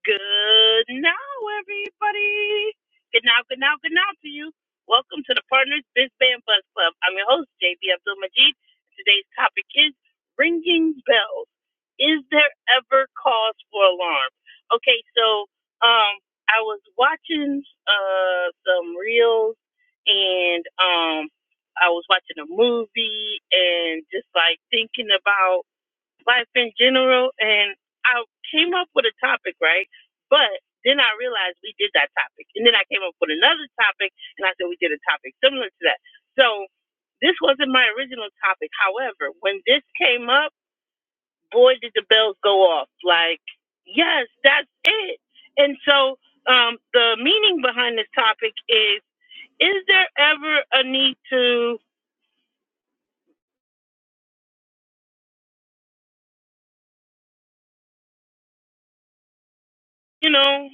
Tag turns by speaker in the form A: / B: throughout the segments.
A: Good now, everybody. Good now, good now, good now to you. Welcome to the Partners Biz Band Buzz Club. I'm your host, JB Abdul Majid. Today's topic is ringing bells. Is there ever cause for alarm? Okay, so um, I was watching uh, some reels and um, I was watching a movie and just like thinking about life in general. And I came up with a topic, right? But then I realized we did that topic. And then I came up with another topic and I said we did a topic similar to that. So this wasn't my original topic. However, when this came up, boy, did the bells go off. Like, yes, that's it. And so um, the meaning behind this topic is is there ever a need to, you know,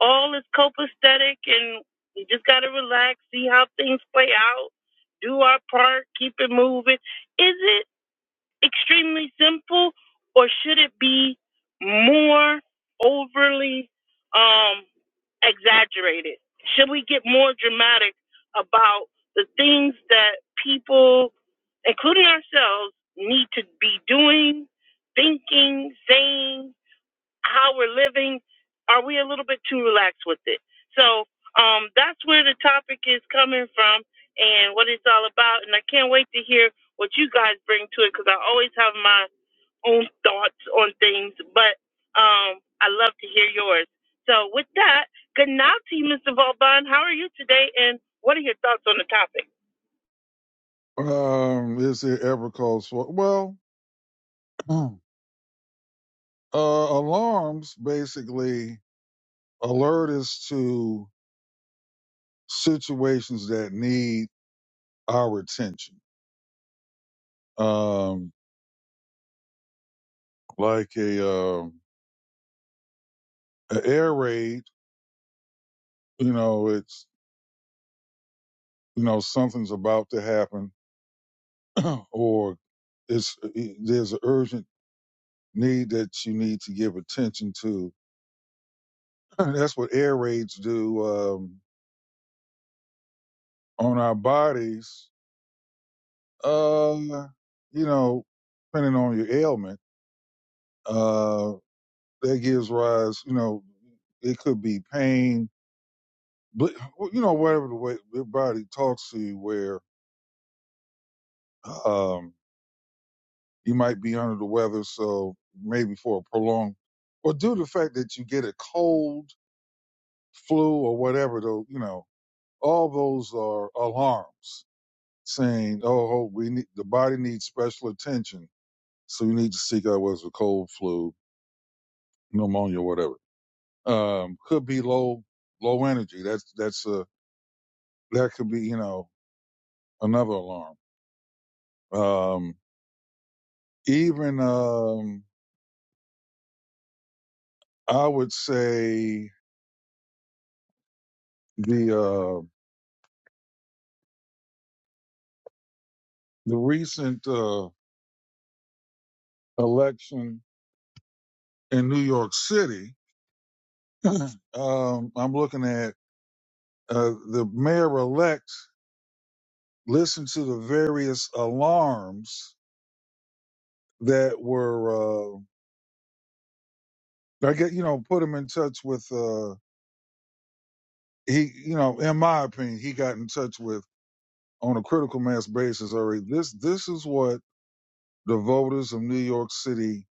A: all is copacetic and we just gotta relax, see how things play out, do our part, keep it moving. Is it extremely simple or should it be more overly um exaggerated? Should we get more dramatic about the things that people, including ourselves, need to be doing, thinking, saying, how we're living, are we a little bit too relaxed with it? So um, that's where the topic is coming from and what it's all about. And I can't wait to hear what you guys bring to it because I always have my own thoughts on things, but um, I love to hear yours. So with that, good night to you, Mr. Vauban. How are you today? And what are your thoughts on the topic?
B: Um, is it ever called for? Well, uh, alarms basically alert us to situations that need our attention. Um, like a, uh, a air raid, you know, it's, you know, something's about to happen or it's, there's an urgent need that you need to give attention to. That's what air raids do, um, on our bodies Uh, you know, depending on your ailment, uh, that gives rise. You know, it could be pain, but well, you know, whatever the way your body talks to you, where um, you might be under the weather, so maybe for a prolonged, or due to the fact that you get a cold, flu, or whatever. Though you know, all those are alarms saying, "Oh, oh, we need the body needs special attention." So you need to seek out whether it's a cold, flu, pneumonia, whatever. um, could be low low energy. That's that's a that could be you know another alarm. Um, even um, I would say the uh, the recent uh, election in New York City. um, I'm looking at uh, the mayor elect listened to the various alarms that were uh, I get you know put him in touch with. Uh, he, you know, in my opinion, he got in touch with on a critical mass basis already. This this is what the voters of New York City,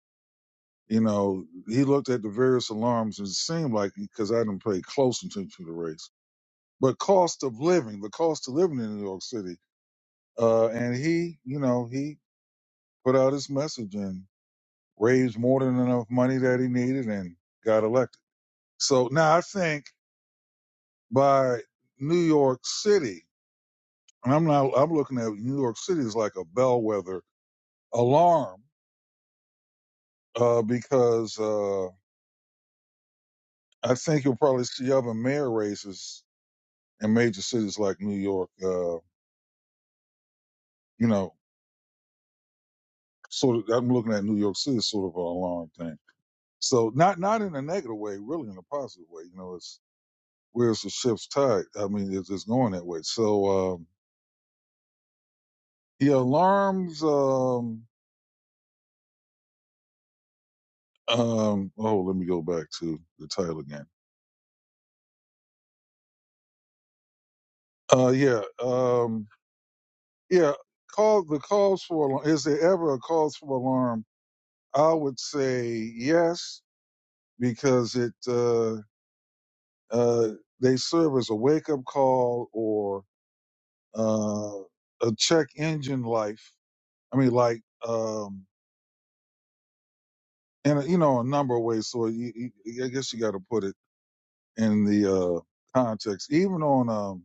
B: you know, he looked at the various alarms and it seemed like because I didn't pay close attention to the race, but cost of living, the cost of living in New York City, uh, and he, you know, he put out his message and raised more than enough money that he needed and got elected. So now I think by New York City, and I'm not, I'm looking at New York City as like a bellwether alarm uh, because uh, I think you'll probably see other mayor races in major cities like New York. Uh, you know, sort of. I'm looking at New York City as sort of an alarm thing. So not not in a negative way, really in a positive way. You know, it's where's the ship's tide. I mean, it's, it's going that way. So um, yeah, alarms. Um, um, oh, let me go back to the title again. Uh, yeah, um, yeah. Call the calls for alarm. Is there ever a cause for alarm I would say yes because it uh, uh, they serve as a wake up call or uh, a check engine life. I mean, like um, in a, you know a number of ways. So you, you, I guess you got to put it in the uh, context. Even on um,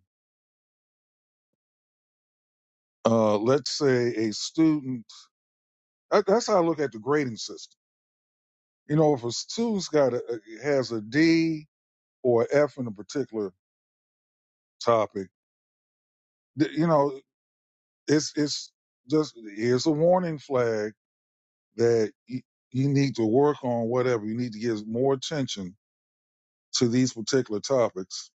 B: uh, let's say a student. That, that's how I look at the grading system. You know, if a student's got a, has a D or a F in a particular topic, th- you know it's it's just it's a warning flag that you, you need to work on whatever you need to give more attention to these particular topics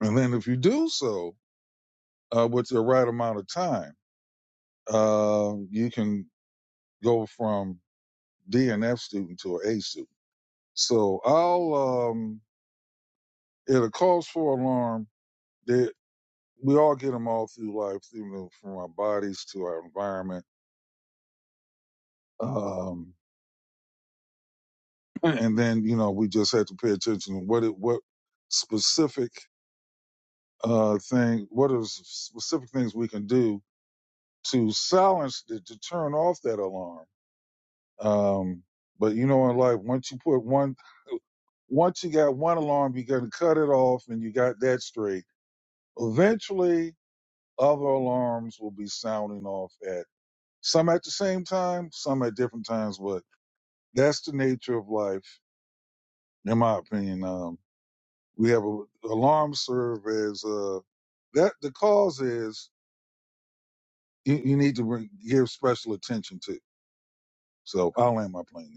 B: and then if you do so uh, with the right amount of time uh, you can go from D and F student to an a student so i'll um at a cause for alarm that we all get them all through life you know, from our bodies to our environment um and then you know we just had to pay attention to what it, what specific uh thing what are specific things we can do to silence to, to turn off that alarm um but you know in life once you put one once you got one alarm you got to cut it off and you got that straight eventually other alarms will be sounding off at some at the same time some at different times but that's the nature of life in my opinion Um, We have a alarm serve as uh, that the cause is you, you need to re- give special attention to. So I'll land my plane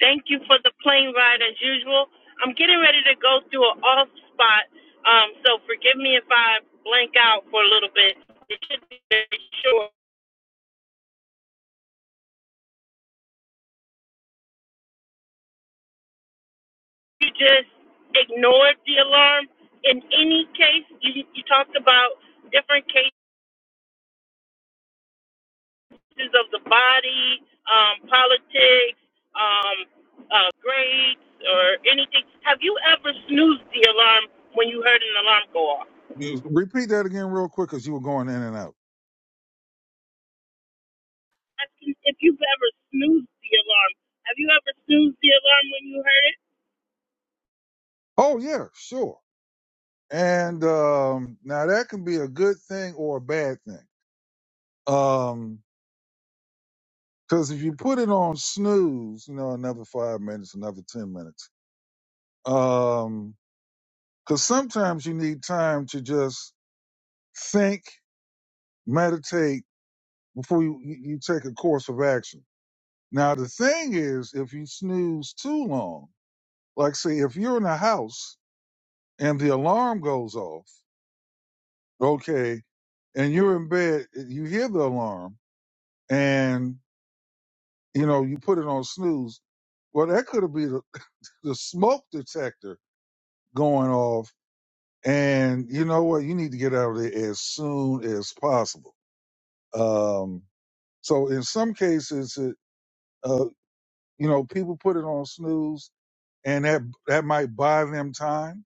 A: Thank you for the plane ride as usual. I'm getting ready to go through an off spot, um, so forgive me if I blank out for a little bit. It should be very short. You just ignored the alarm. In any case, you, you talked about different cases of the body, um, politics, um, uh, grades, or anything. Have you ever snoozed the alarm when you heard an alarm go off?
B: there. You- Repeat that again real quick because you were going in and out.
A: if you've ever snoozed the alarm. Have you ever snoozed the alarm when you heard it?
B: Oh yeah, sure. And um, now that can be a good thing or a bad thing. Um, because if you put it on snooze, you know, another five minutes, another ten minutes. Um, because sometimes you need time to just think, meditate before you, you, you take a course of action. Now, the thing is, if you snooze too long, like say, if you're in a house and the alarm goes off, okay, and you're in bed, eh, you hear the alarm and, you know, you put it on snooze. Well, that could be the, the smoke detector going off. And you know what? You need to get out of there as soon as possible. Um, so in some cases, it, uh, you know, people put it on snooze and that that might buy them time.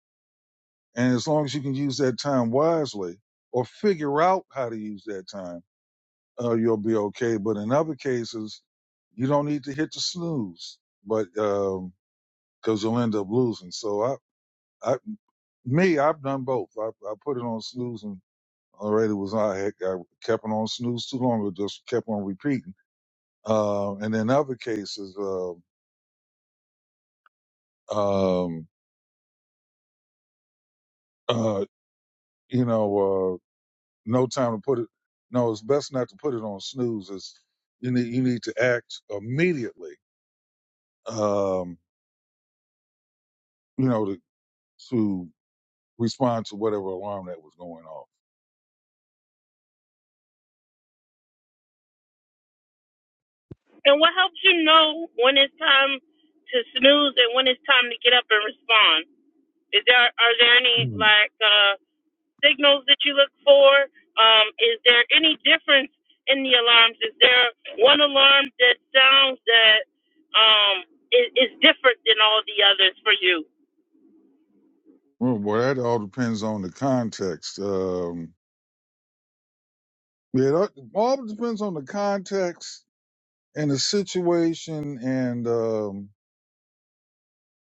B: And as long as you can use that time wisely or figure out how to use that time, uh, you'll be okay. But in other cases, you don't need to hit the snooze, but because you'll end up losing. So I, I, me, I've done both. I, I put it on snooze and already was I, had- I kept it on snooze too long, or just kept on repeating. Um, and in other cases, uh, um, uh, you know. uh, no time to put it. No, it's best not to put it on snooze. It's you need you need to act immediately. Um, you know to to respond to whatever alarm that was going off.
A: And what helps you know when it's time to snooze and when it's time to get up and respond? Is there are there any
B: Mm.
A: like uh, signals that you look for? Um, is there any difference in the alarms? Is there one alarm that sounds that um, is, is different than all the others for you?
B: Well, boy, that all depends on the context. Um, yeah, that all depends on the context and the situation, and um,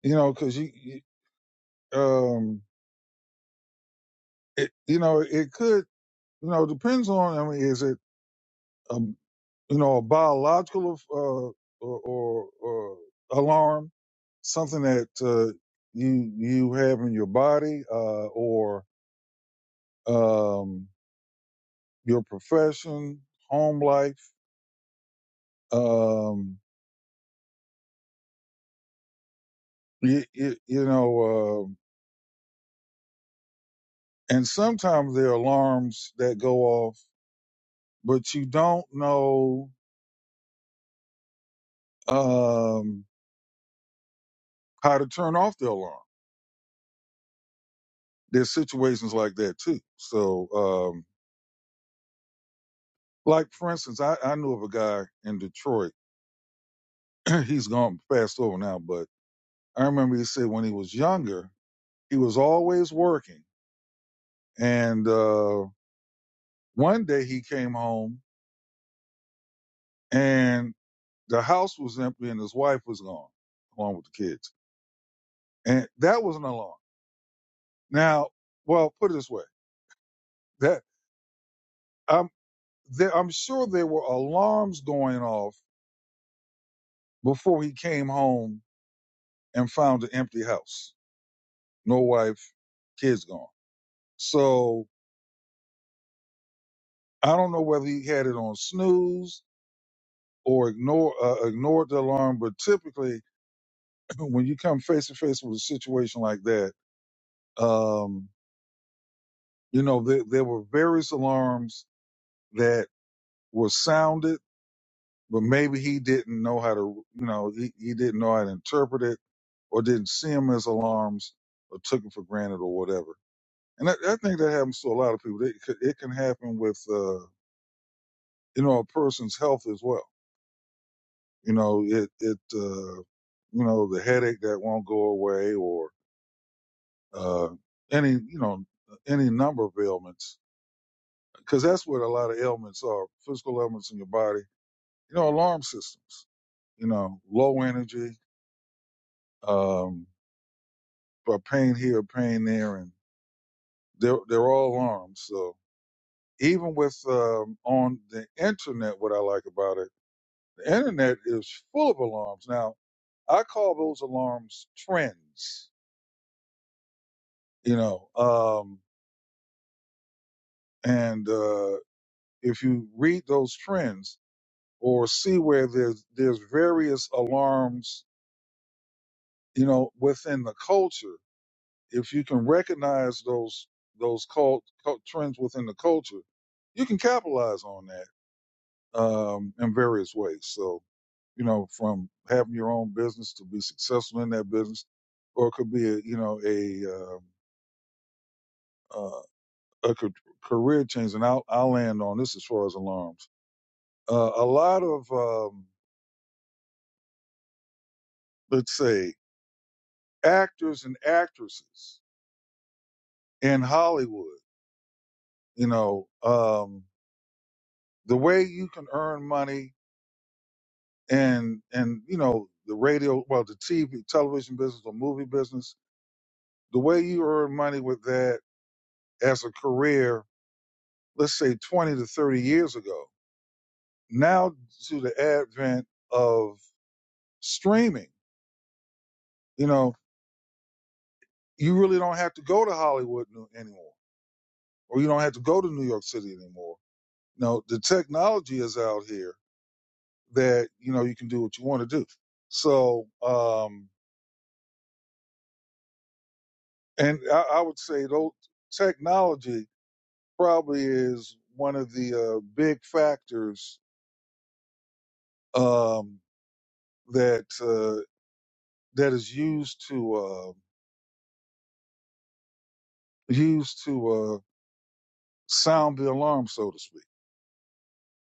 B: you know, because you, you um, it, you know, it could, you know, depends on. I mean, is it? a you know, a biological uh, or, or, or alarm, something that uh, you you have in your body uh, or um, your profession, home life, um, you, you, you know, uh, and sometimes there are alarms that go off, but you don't know um, how to turn off the alarm. There's situations like that too. So, um, like for instance, I, I knew of a guy in Detroit he's gone fast over now, but I remember he said when he was younger, he was always working. And uh, one day he came home and the house was empty and his wife was gone, along with the kids. And that was an alarm. Now, well, put it this way: that I'm there, I'm sure there were alarms going off before he came home and found an empty house, no wife, kids gone. So I don't know whether he had it on snooze or ignore uh, ignored the alarm. But typically, when you come face to face with a situation like that, um, you know there, there were various alarms that were sounded, but maybe he didn't know how to, you know, he, he didn't know how to interpret it, or didn't see them as alarms, or took it for granted, or whatever. And I, I think that happens to a lot of people. It, could- it can happen with, uh, you know, a person's health as well. You know, it, it, uh, you know, the headache that won't go away, or uh, any you know any number of ailments because that's what a lot of ailments are physical ailments in your body you know alarm systems you know low energy um but pain here pain there and they're they're all alarms so even with um on the internet what i like about it the internet is full of alarms now i call those alarms trends you know um and uh if you read those trends or see where there's there's various alarms, you know, within the culture. If you can recognize those those cult, cult trends within the culture, you can capitalize on that um, in various ways. So you know, from having your own business to be successful in that business, or it could be a you know a um uh, a ca- career change. And I'll I'll land on this as far as alarms. Uh, a lot of um, let's say actors and actresses in Hollywood. You know, um, the way you can earn money and and you know the radio, well, the TV, television business, or movie business, the way you earn money with that as a career, let's say twenty to thirty years ago. Now, to the advent of streaming, you know, you really don't have to go to Hollywood no- anymore, or you don't have to go to New York City anymore. No, the technology is out here that you know you can do what you want to do. So, um, and I, I would say though technology probably is one of the uh, big factors um, that uh, that is used to uh, used to uh, sound the alarm, so to speak.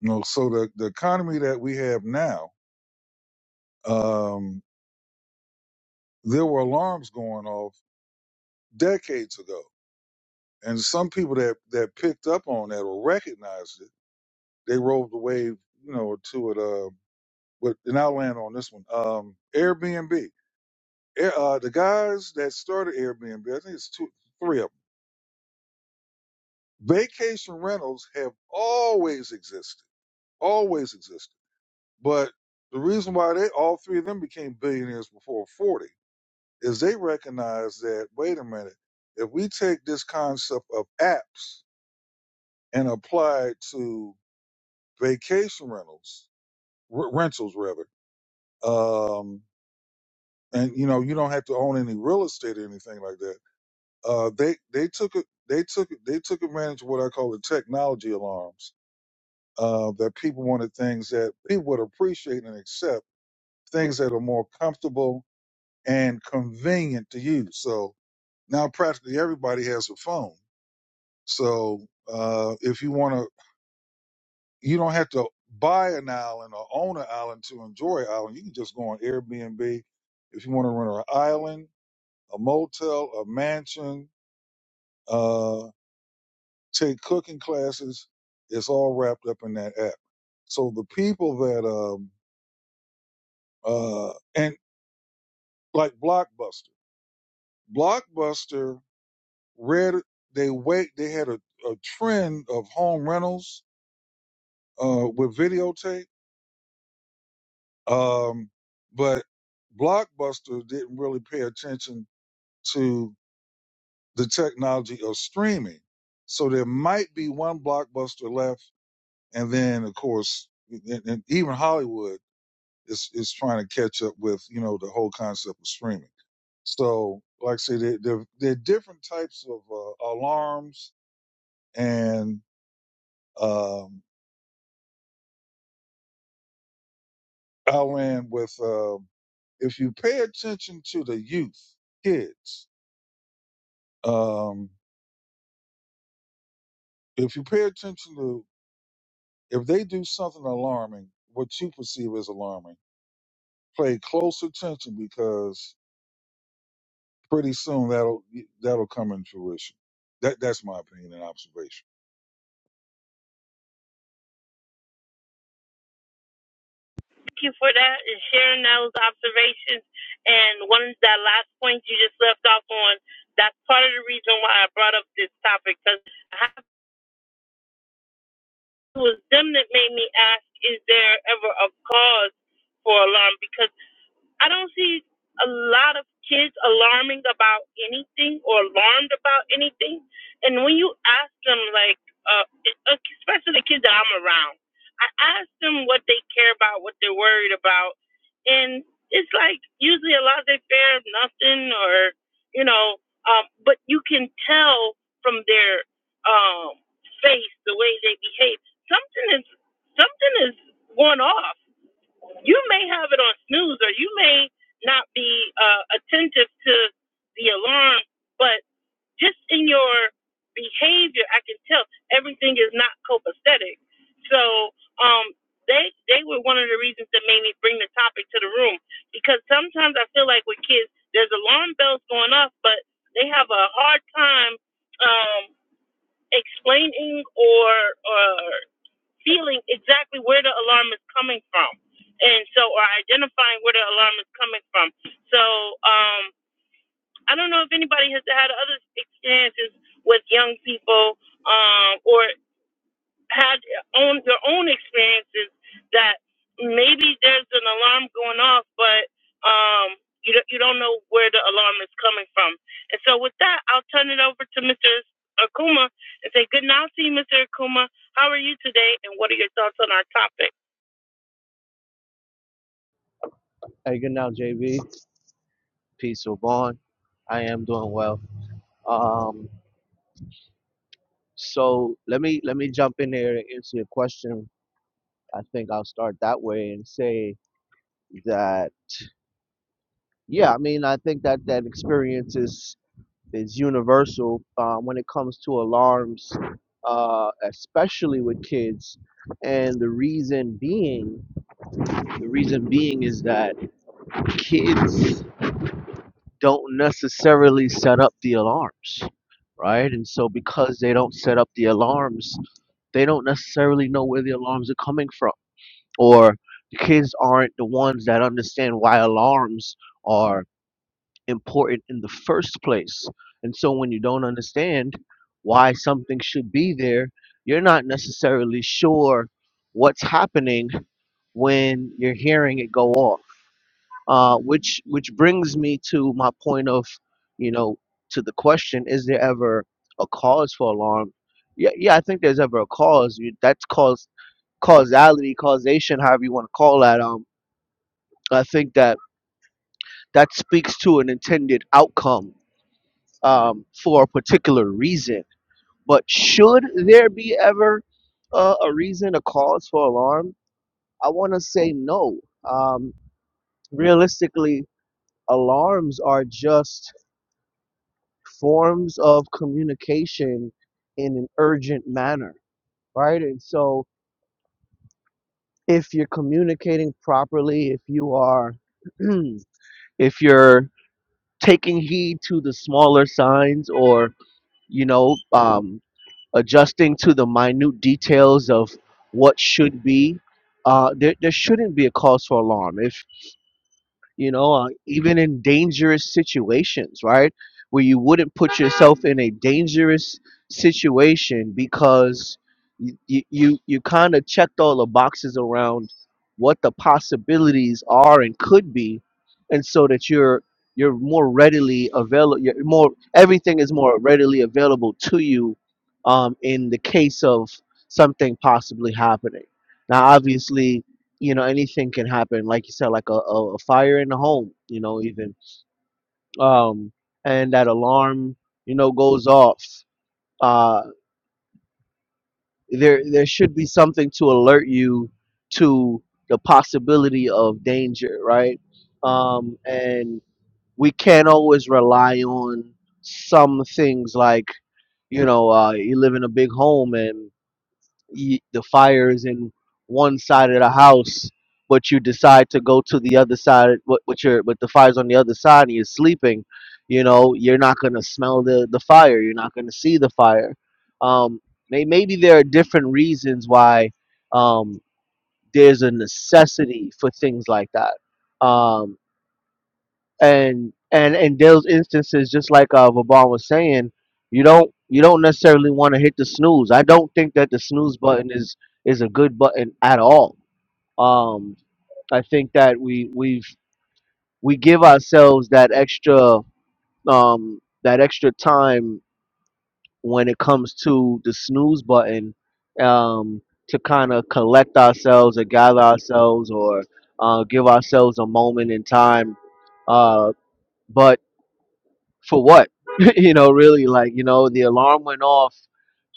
B: You know, so the the economy that we have now, um, there were alarms going off decades ago, and some people that that picked up on that or recognized it they rode the wave, you know, to it. Uh, but and I'll land on this one. Um, Airbnb. Air, uh, the guys that started Airbnb, I think it's two, three of them. Vacation rentals have always existed, always existed. But the reason why they all three of them became billionaires before forty is they recognize that wait a minute, if we take this concept of apps and apply it to vacation rentals, r- rentals rather. Um, and you know you don't have to own any real estate or anything like that. Uh, they they took it they took they took advantage of what I call the technology alarms. Uh, that people wanted things that people would appreciate and accept things that are more comfortable and convenient to use. So now practically everybody has a phone. So uh, if you want to, you don't have to buy an island or own an island to enjoy an island. You can just go on Airbnb. If you want to rent an island, a motel, a mansion, uh, take cooking classes. It's all wrapped up in that app. So the people that um uh and like Blockbuster, Blockbuster read they wait they had a, a trend of home rentals uh with videotape, um, but Blockbuster didn't really pay attention to the technology of streaming. So there might be one Blockbuster left, and then of course, and, and even Hollywood. is is trying to catch up with you know the whole concept of streaming. So, like I say, there there, there are different types of uh, alarms, and um, I'll end with uh, if you pay attention to the youth, kids. Um, if you pay attention to if they do something alarming, what you perceive as alarming, pay close attention because pretty soon that'll that'll come in fruition. That that's my opinion and observation.
A: Thank you for that and sharing those observations. And one of that last point you just left off on, that's part of the reason why I brought up this topic because it was them that made me ask, is there ever a cause for alarm? Because I don't see a lot of kids alarming about anything or alarmed about anything. And when you ask them, like, uh, especially the kids that I'm around, I ask them what they care about, what they're worried about, and it's like usually a lot of they fear nothing or you know, um, but you can tell from their um, face the way they behave something is something is going off you may have it on snooze or you may not be uh, attentive to the alarm, but just in your behavior, I can tell everything is not copacetic. So um, they they were one of the reasons that made me bring the topic to the room because sometimes I feel like with kids, there's alarm bells going off, but they have a hard time um, explaining or, or feeling exactly where the alarm is coming from and so or identifying where the alarm is coming from so um i don't know if anybody has had other experiences with young people um or had on their own experiences that maybe there's an alarm going off, but um, you don't, you don't know where the alarm is coming from. And so with that, I'll turn it over to Mr. Akuma and say good night to you, Mr. Akuma. How are you today, and what are your thoughts on our topic?
C: Hey, good now, JV. Peace, Vaughn. I am doing well. Um, so let me let me jump in there and answer your question. I think I'll start that way and say that yeah, I mean I think that that experience is is universal um, when it comes to alarms, uh, especially with kids. And the reason being, the reason being is that kids don't necessarily set up the alarms, right? And so because they don't set up the alarms, they don't necessarily know where the alarms are coming from, or the kids aren't the ones that understand why alarms are important in the first place. And so when you don't understand why something should be there, you're not necessarily sure what's happening when you're hearing it go off. Uh, which which brings me to my point of, you know, to the question: Is there ever a cause for alarm? Yeah, yeah, I think there's ever a cause. You- That's cause causality, causation, however you want to call that. Um, I think that that speaks to an intended outcome um, for a particular reason. But should there be ever uh, a reason, a cause for alarm? I want to say no. Um, realistically, alarms are just forms of communication in an urgent manner, right? And so if you're communicating properly, if you are if you're taking heed to the smaller signs or you know um, adjusting to the minute details of what should be, uh, there, there shouldn't be a cause for alarm. if. you know, uh, even in dangerous situations, right? Where you wouldn't put yourself in a dangerous situation because you you, you kind of checked all the boxes around what the possibilities are and could be, and so that you're you're more readily available. You're more everything is more readily available to you um, in the case of something possibly happening. Now, obviously, you know anything can happen like you said like a, a, a fire in the home you know even um and that alarm you know goes off uh there there should be something to alert you to the possibility of danger right um and we can't always rely on some things like you know uh you live in a big home and y- the fire is in one side of the house, but you decide to go to the other side, but but your but the fire's on the other side and you're sleeping, you know, you're not gonna smell the the fire, you're not gonna see the fire. Um, may, maybe there are different reasons why um, there's a necessity for things like that. Um and and in those instances, just like uh, Vaban was saying, you don't you don't necessarily want to hit the snooze. I don't think that the snooze button is is a good button at all. Um, I think that we we've we give ourselves that extra um, that extra time when it comes to the snooze button um, to kind of collect ourselves or gather ourselves or uh, give ourselves a moment in time. Uh, but for what? you know, really, like you know, the alarm went off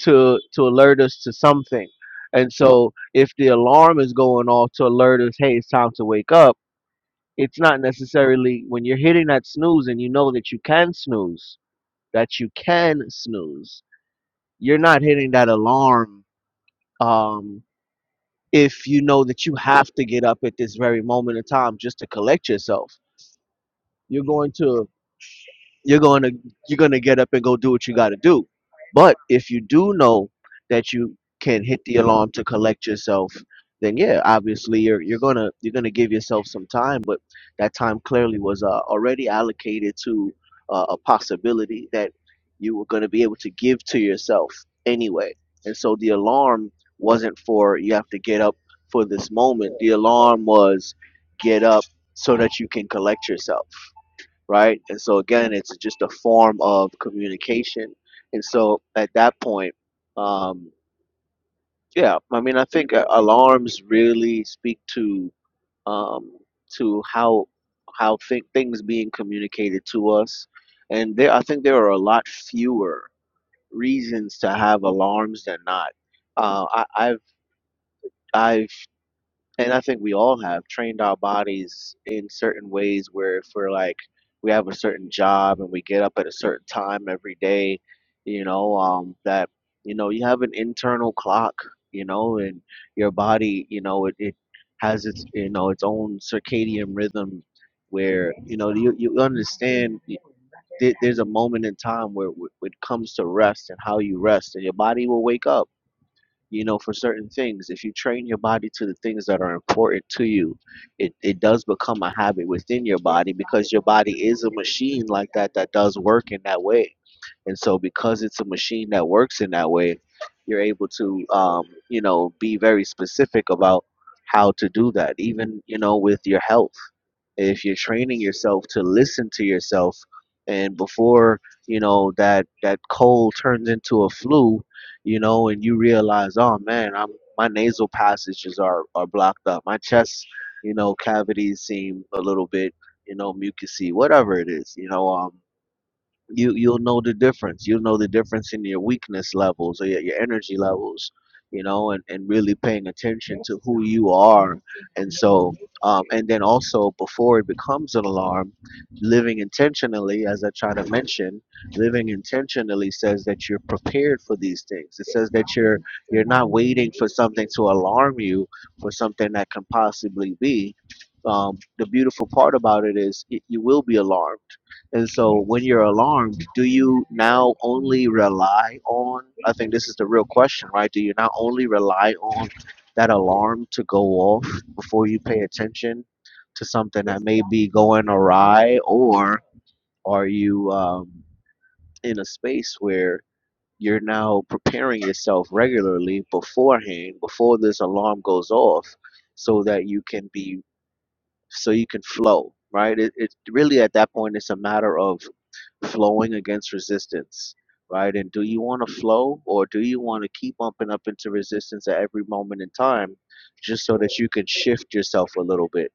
C: to to alert us to something. And so, if the alarm is going off to alert us, hey, it's time to wake up. It's not necessarily when you're hitting that snooze and you know that you can snooze, that you can snooze. You're not hitting that alarm um, if you know that you have to get up at this very moment in time just to collect yourself. You're going to you're going to you're going to get up and go do what you got to do but if you do know that you can hit the alarm to collect yourself then yeah obviously you're you're going to you're going to give yourself some time but that time clearly was uh, already allocated to uh, a possibility that you were going to be able to give to yourself anyway and so the alarm wasn't for you have to get up for this moment the alarm was get up so that you can collect yourself right? And so again, it's just a form of communication. And so at that point, um, yeah, I mean, I think uh, alarms really speak to um, to how how th- things being communicated to us, and there I think there are a lot fewer reasons to have alarms than not. Uh, I, I've I've and I think we all have trained our bodies in certain ways where if we're like we have a certain job and we get up at a certain time every day, you know, um, that you know you have an internal clock, you know, and your body, you know, it, it has its you know its own circadian rhythm where you know you you understand. y- there- There's a moment in time where w- it comes to rest and how you rest, and your body will wake up you know, for certain things. If you train your body to the things that are important to you, it, it does become a habit within your body because your body is a machine like that that does work in that way. And so, because it's a machine that works in that way, you're able to, um, you know, be very specific about how to do that, even, you know, with your health if you're training yourself to listen to yourself and before you know that that cold turns into a flu you know and you realize oh man i'm my nasal passages are are blocked up my chest you know cavities seem a little bit you know mucusy whatever it is you know um you you'll know the difference you'll know the difference in your weakness levels or your, your energy levels you know and, and really paying attention to who you are and so um, and then also before it becomes an alarm living intentionally as i try to mention living intentionally says that you're prepared for these things it says that you're you're not waiting for something to alarm you for something that can possibly be um, the beautiful part about it is it, you will be alarmed and so when you're alarmed, do you now only rely on, I think this is the real question, right? Do you now only rely on that alarm to go off before you pay attention to something that may be going awry, or are you um, in a space where you're now preparing yourself regularly beforehand, before this alarm goes off, so that you can be, so you can flow, right? It, it really at that point, it's a matter of flowing against resistance, right? And do you want to flow or do you want to keep bumping up into resistance at every moment in time just so that you can shift yourself a little bit?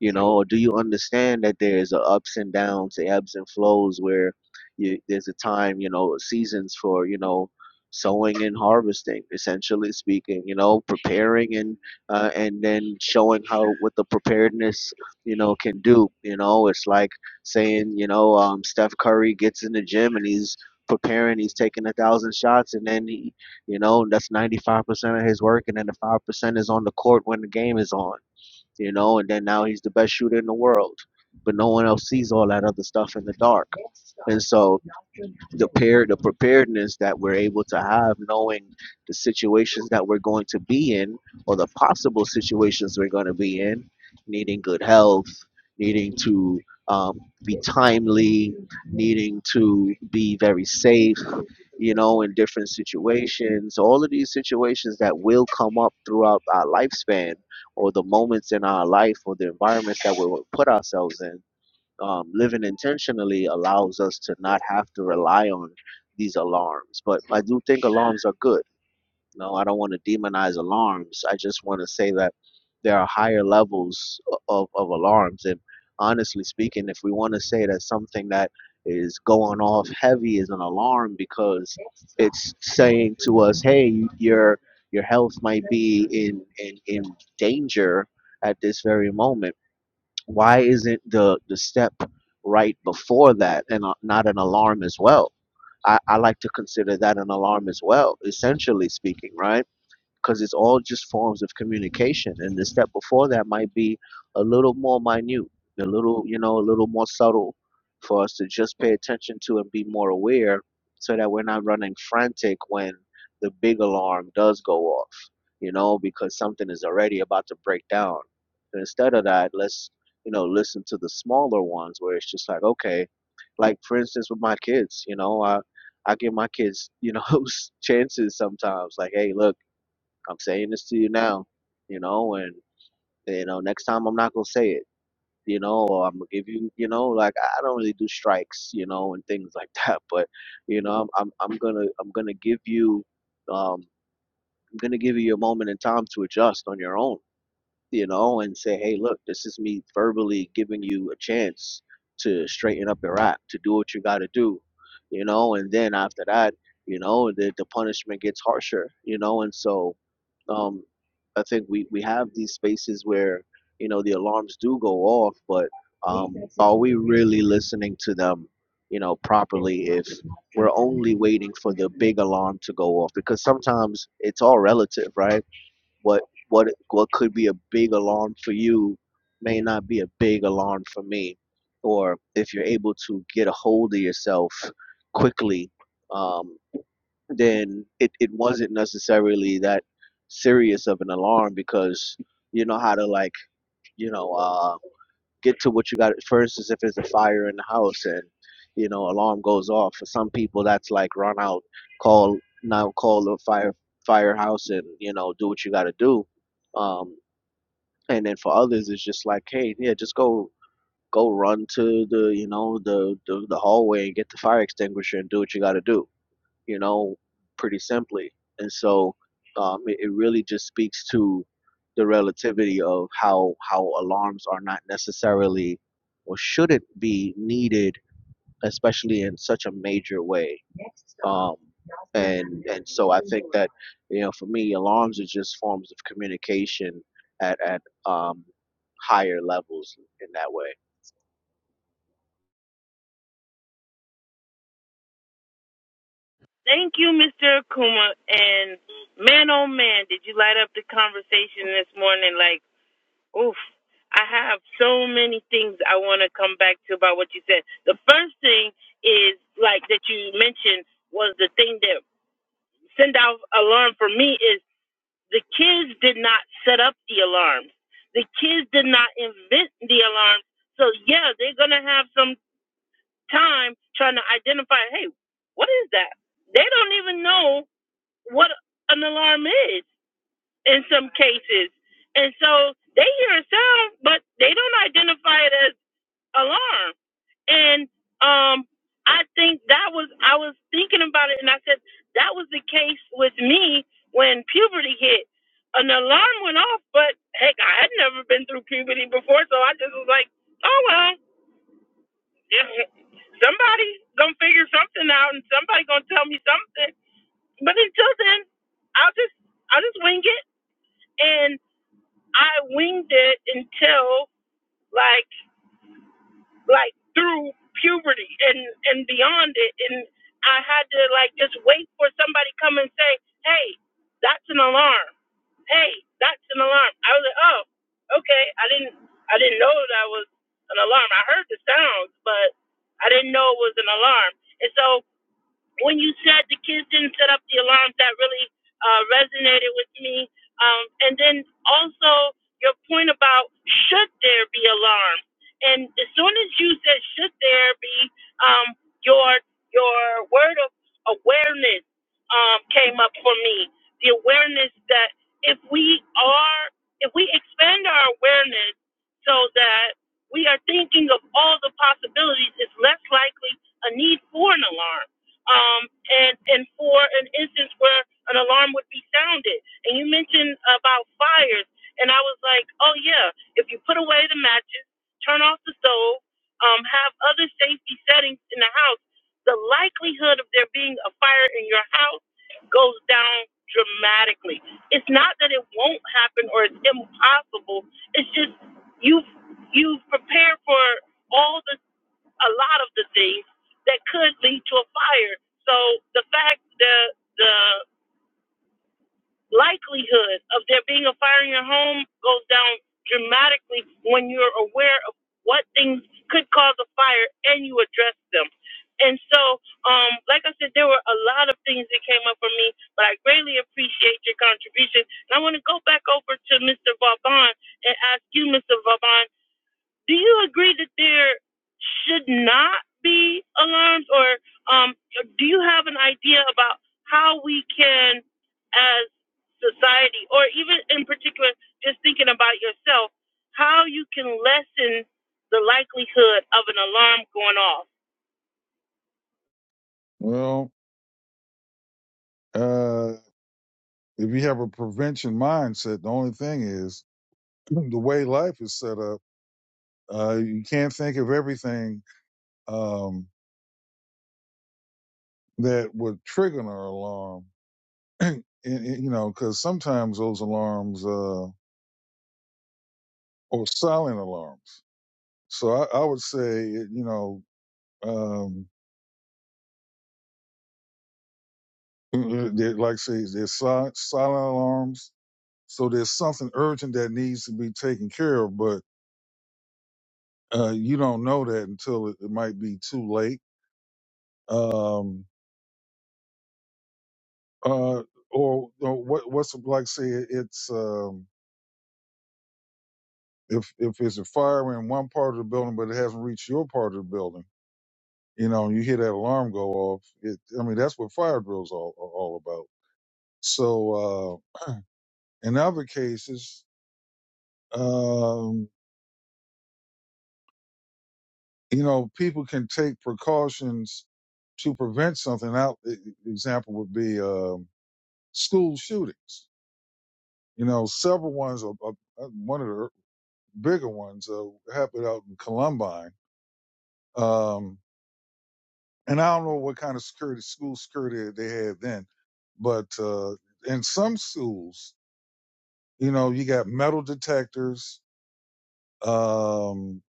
C: you know or do you understand that there's a ups and downs the ebbs and flows where you, there's a time you know seasons for you know sowing and harvesting essentially speaking you know preparing and uh, and then showing how what the preparedness you know can do you know it's like saying you know um, steph curry gets in the gym and he's preparing he's taking a thousand shots and then he you know that's 95% of his work and then the 5% is on the court when the game is on you know, and then now he's the best shooter in the world. But no one else sees all that other stuff in the dark. And so the pair the preparedness that we're able to have, knowing the situations that we're going to be in or the possible situations we're going to be in, needing good health, needing to um, be timely, needing to be very safe, you know, in different situations, all of these situations that will come up throughout our lifespan or the moments in our life or the environments that we will put ourselves in, um, living intentionally allows us to not have to rely on these alarms. But I do think alarms are good no, I don't want to demonize alarms. I just want to say that there are higher levels of, of alarms. And honestly speaking, if we want to say that something that is going off heavy is an alarm because it's saying to us, hey, your your health might be in, in, in danger at this very moment. Why isn't the, the step right before that and uh, not an alarm as well? I, I like to consider that an alarm as well, essentially speaking, right? because it's all just forms of communication. And the step before that might be a little more minute, a little, you know, a little more subtle for us to just pay attention to and be more aware so that we're not running frantic when the big alarm does go off, you know, because something is already about to break down. And instead of that, let's, you know, listen to the smaller ones where it's just like, okay, like for instance with my kids, you know, I I give my kids, you know, chances sometimes like, hey, look, I'm saying this to you now, you know, and you know, next time I'm not gonna say it, you know, or I'm gonna give you, you know, like I don't really do strikes, you know, and things like that. But you know, I'm I'm, I'm gonna I'm gonna give you, um, I'm gonna give you your moment in time to adjust on your own, you know, and say, hey, look, this is me verbally giving you a chance to straighten up your act, to do what you got to do, you know, and then after that, you know, the the punishment gets harsher, you know, and so um, I think we, we have these spaces where you know the alarms do go off, but um, are we really listening to them? You know properly if we're only waiting for the big alarm to go off because sometimes it's all relative, right? What what what could be a big alarm for you may not be a big alarm for me, or if you're able to get a hold of yourself quickly. Um, then it, it wasn't necessarily that serious of an alarm because you know how to like you know uh, get to what you got for instance if there's a fire in the house and you know alarm goes off for some people that's like run out call now call the fire firehouse and you know do what you got to do um, and then for others it's just like hey yeah just go go run to the you know the, the the hallway and get the fire extinguisher and do what you got to do you know, pretty simply. And so um, it, it really just speaks to the relativity of how how alarms are not necessarily or shouldn't be needed, especially in such a major way. Um, and and so I think that you know, for me, alarms are just forms of communication at at um, higher levels in that way.
A: Thank you, Mr. Akuma. And man, oh man, did you light up the conversation this morning? Like Oof. I have so many things I want to come back to about what you said. The first thing is like that you mentioned was the thing that send out alarm for me is the kids did not set up the alarms. The kids did not invent the alarms. So yeah, they're going to have some time trying to identify, "Hey, what is that?" They don't even know what an alarm is in some cases. And so they hear a sound, but they don't identify it as alarm. And um, I think that was, I was thinking about it and I said, that was the case with me when puberty hit. An alarm went off, but heck, I had never been through puberty before, so I just was like, oh well, yeah, somebody gonna figure something out and somebody gonna tell me something. But until then, I'll just I'll just wing it and. I winged it until like like through puberty and and beyond it, and I had to like just wait for somebody come and say, "Hey, that's an alarm. Hey, that's an alarm." I was like, "Oh, okay." I didn't I didn't know that was an alarm. I heard the sounds, but I didn't know it was an alarm. And so when you said the kids didn't set up the alarms, that really uh, resonated with me. Um, and then also your point about should there be alarms? And as soon as you said should there be, um, your your word of awareness um, came up for me. The awareness that if we are if we expand our awareness so that we are thinking of all the possibilities, it's less likely a need for an alarm um, and and for an instance where an alarm would be sounded. And you mentioned about fires, and I was like, oh yeah, if you put away the matches, turn off the stove, um, have other safety settings in the house, the likelihood of there being a fire in your house goes down dramatically. It's not that it won't happen or it's impossible. It's just you've you've prepared for all the a lot of the things that could lead to a fire. So the fact the the likelihood of there being a fire in your home goes down dramatically when you're aware of what things could cause a fire and you address them. And so, um, like I said, there were a lot of things that came up for me, but I greatly appreciate your contribution. And I want to go back over to Mr. Vauban and ask you, Mr. Vauban do you agree that there should not be alarms or um, do you have an idea about how we can as society or even in particular just thinking about yourself how you can lessen the likelihood of an alarm going off
B: Well, uh, if you have a prevention mindset, the only thing is the way life is set up. Uh, you can't think of everything um, that would trigger an alarm. and, and, you know, because sometimes those alarms uh, are silent alarms. So I, I would say, you know, um, they're- like say there's silent, silent alarms. So there's something urgent that needs to be taken care of, but uh, you don't know that until it, it might be too late. Um, uh, or, or what what's it like? Say it's um, if if it's a fire in one part of the building, but it hasn't reached your part of the building. You know, you hear that alarm go off. It, I mean, that's what fire drills all are all about. So uh, in other cases, um, you know, people can take precautions to prevent something. Out e- e- example would be um, school shootings. You know, several ones. Are, are, one of the bigger ones uh, happened out in Columbine. Um, and I don't know what kind of security, school security they had then, but uh, in some schools, you know, you got metal detectors um,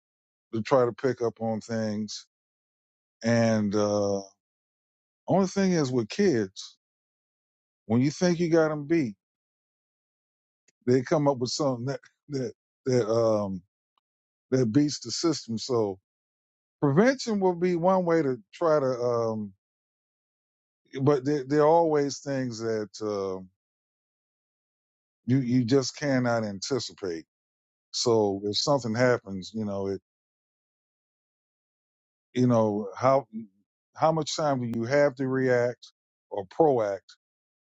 B: to try to pick up on things. And uh, only thing is with kids, when you think you got them beat, they come up with something that that that um, that beats the system. So prevention will be one way to try to. Um, but there, there are always things that uh, you you just cannot anticipate. So if something happens, you know it. You know how how much time do you have to react or proact?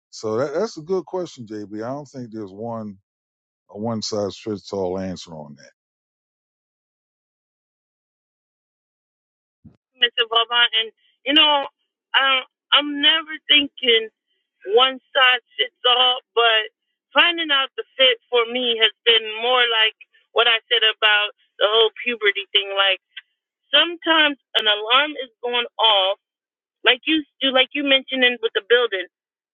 B: So that, that's a good question, JB. I don't think there's one a one size fits all answer on that.
A: mr Vaughn, and you know I, i'm never thinking one size fits all, but finding out the fit for me has been more like what I said about the whole puberty thing. Like sometimes an alarm is going off, like you do, like you mentioned in, with the building.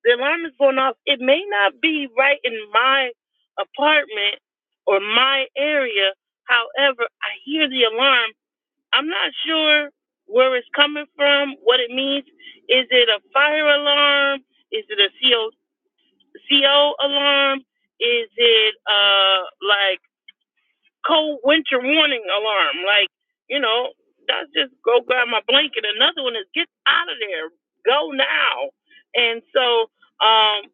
A: The alarm is going off. It may not be right in my apartment or my area. However, I hear the alarm. I'm not sure where it's coming from, what it means. Is it a fire alarm? Is it a co CO alarm? Is it uh like cold winter warning alarm. Like, you know, that's just go grab my blanket. Another one is get out of there. Go now. And so um,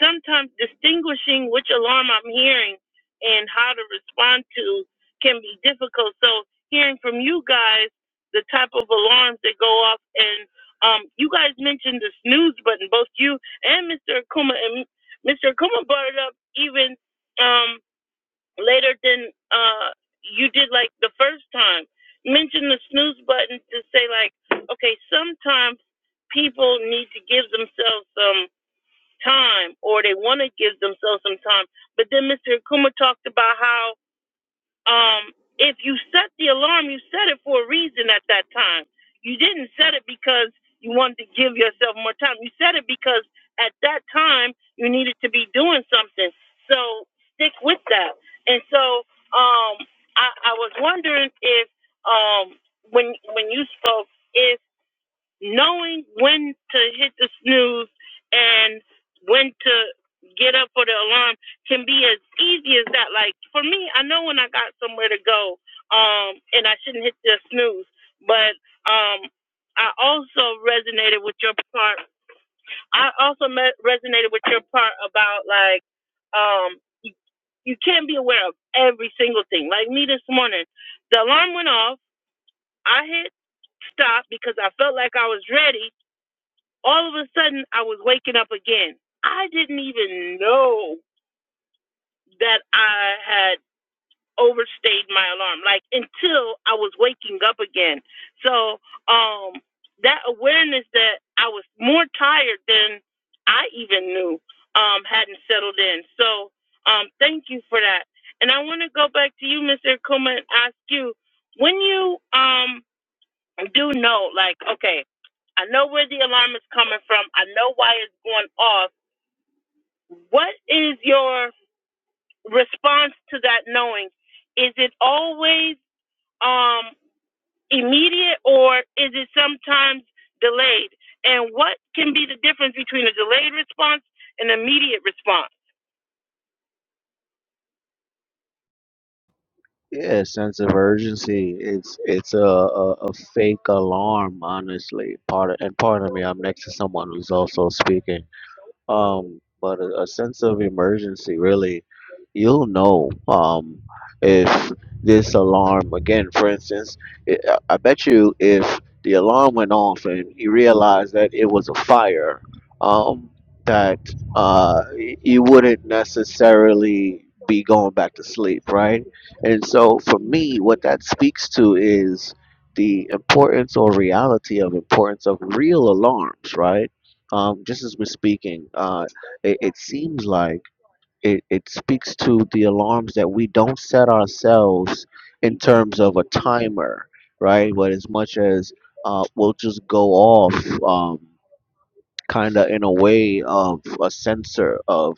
A: sometimes distinguishing which alarm I'm hearing and how to respond to can be difficult. So hearing from you guys the type of alarms that go off and um, you guys mentioned the snooze button, both you and Mr. Akuma and Mr. Akuma brought it up even um, later than uh you did like the first time. Mention the snooze button to say like, okay, sometimes people need to give themselves some time or they want to give themselves some time. But then Mr. Akuma talked about how um, if you set the alarm, you set it for a reason at that time. You didn't set it because you wanted to give yourself more time. You set it because at that time you needed to be doing something. So stick with that. And so um, I, I was wondering if um, when when you spoke, if knowing when to hit the snooze and when to get up for the alarm can be as easy as that. Like for me, I know when I got somewhere to go, um, and I shouldn't hit the snooze. But um, I also resonated with your part. I also me- resonated with your part about like um, you, you can't be aware of every single thing. Like me this morning, the alarm went off. I hit stop because I felt like I was ready all of a sudden I was waking up again. I didn't even know that I had overstayed my alarm, like until I was waking up again. So um, that awareness that I was more tired than I even knew um, hadn't settled in. So um, thank you for that. And I want to go back to you, Mr. Kuma, and ask you when you um, do know, like, okay, I know where the alarm is coming from. I know why it's going off. What is your response to that knowing? Is it always um, immediate or is it sometimes delayed? And what can be the difference between a delayed response and immediate response?
C: Yeah, sense of urgency. It's it's a, a, a fake alarm, honestly. Part and pardon me, I'm next to someone who's also speaking um but a, a sense of emergency really you'll know um if this alarm again for instance it, i I bet you if the alarm went off and you realized that it was a fire um that uh y- you wouldn't necessarily be going back to sleep right and so for me what that speaks to is the importance or reality of importance of real alarms right um, just as we're speaking, uh, it, it seems like it, it speaks to the alarms that we don't set ourselves in terms of a timer, right? But as much as uh, we'll just go off. Um, kind of in a way of a censor of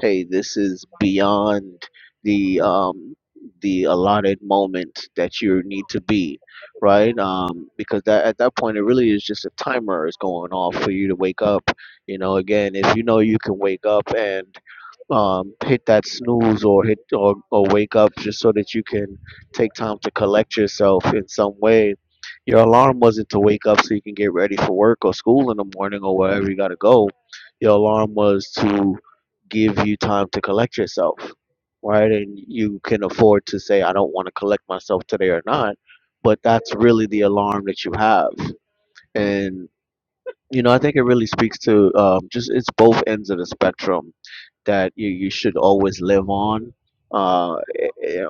C: hey this is beyond the um the allotted moment that you need to be right um because that at that point it really is just a timer is going off for you to wake up you know again if you know you can wake up and um, hit that snooze or hit or, or wake up just so that you can take time to collect yourself in some way. Your alarm wasn't to wake up so you can get ready for work or school in the morning or wherever you got to go. Your alarm was to give you time to collect yourself, right? And you can afford to say, I don't want to collect myself today or not, but that's really the alarm that you have. and. You know, I think it really speaks to um, just it's both ends of the spectrum that you, you should always live on. Uh, eh, eh,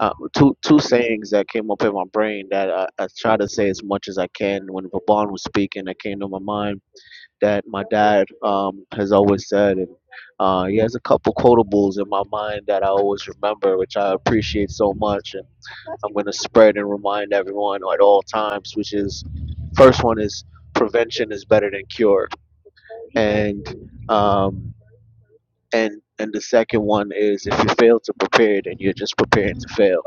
C: uh, two two sayings that came up in my brain that I, I try to say as much as I can when Vaban was speaking that came to my mind that my dad um, has always said, and uh, he has a couple quotables in my mind that I always remember, which I appreciate so much, and I'm going to spread and remind everyone at all times. Which is, first one is prevention is better than cure, and um, and and the second one is if you fail to prepare, then you're just preparing to fail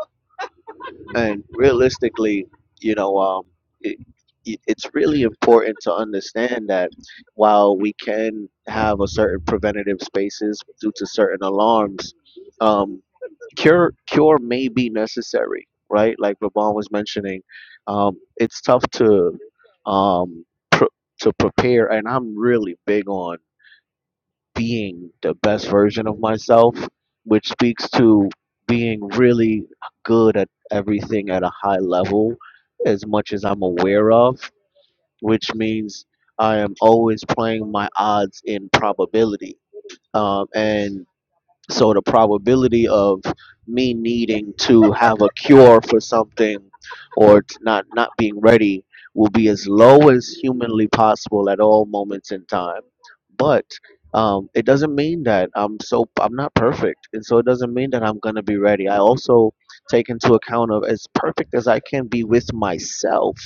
C: and realistically, you know, um, it, it, it's really important to understand that while we can have a certain preventative spaces due to certain alarms, um, cure cure may be necessary, right? Like Raban was mentioning, um, it's tough to um, pr- to prepare, and I'm really big on being the best version of myself, which speaks to being really good at everything at a high level, as much as I'm aware of, which means I am always playing my odds in probability. Um, and so the probability of me needing to have a cure for something or t- not not being ready will be as low as humanly possible at all moments in time. But um, it doesn't mean that I'm so I'm not perfect, and so it doesn't mean that I'm gonna be ready. I also take into account of as perfect as I can be with myself,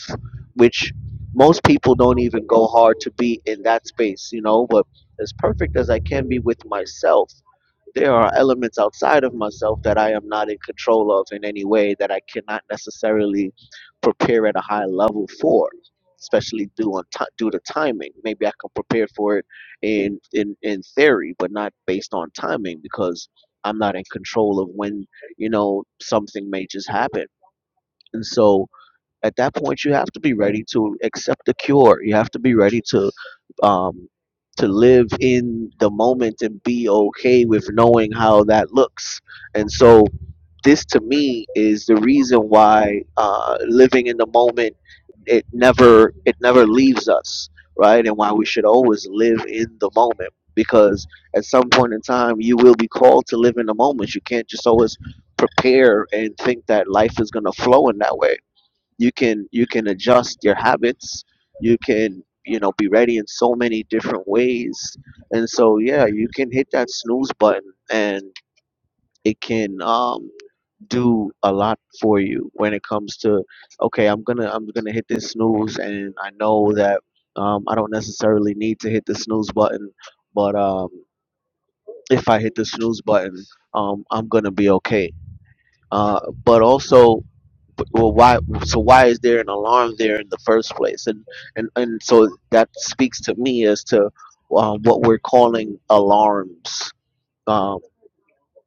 C: which most people don't even go hard to be in that space, you know. But as perfect as I can be with myself there are elements outside of myself that I am not in control of in any way that I cannot necessarily prepare at a high level for, especially due on ti due to timing. Maybe I can prepare for it in in in theory, but not based on timing because I'm not in control of when you know something may just happen. And so at that point you have to be ready to accept the cure you have to be ready to um to live in the moment and be okay with knowing how that looks and so this to me is the reason why uh living in the moment it never it never leaves us right and why we should always live in the moment because at some point in time you will be called to live in the moment you can't just always prepare and think that life is going to flow in that way you can you can adjust your habits you can you know be ready in so many different ways and so yeah you can hit that snooze button and it can um do a lot for you when it comes to okay i'm gonna i'm gonna hit this snooze and i know that um i don't necessarily need to hit the snooze button but um if i hit the snooze button um i'm gonna be okay uh but also well why so why is there an alarm there in the first place and and and so that speaks to me as to um, what we're calling alarms um,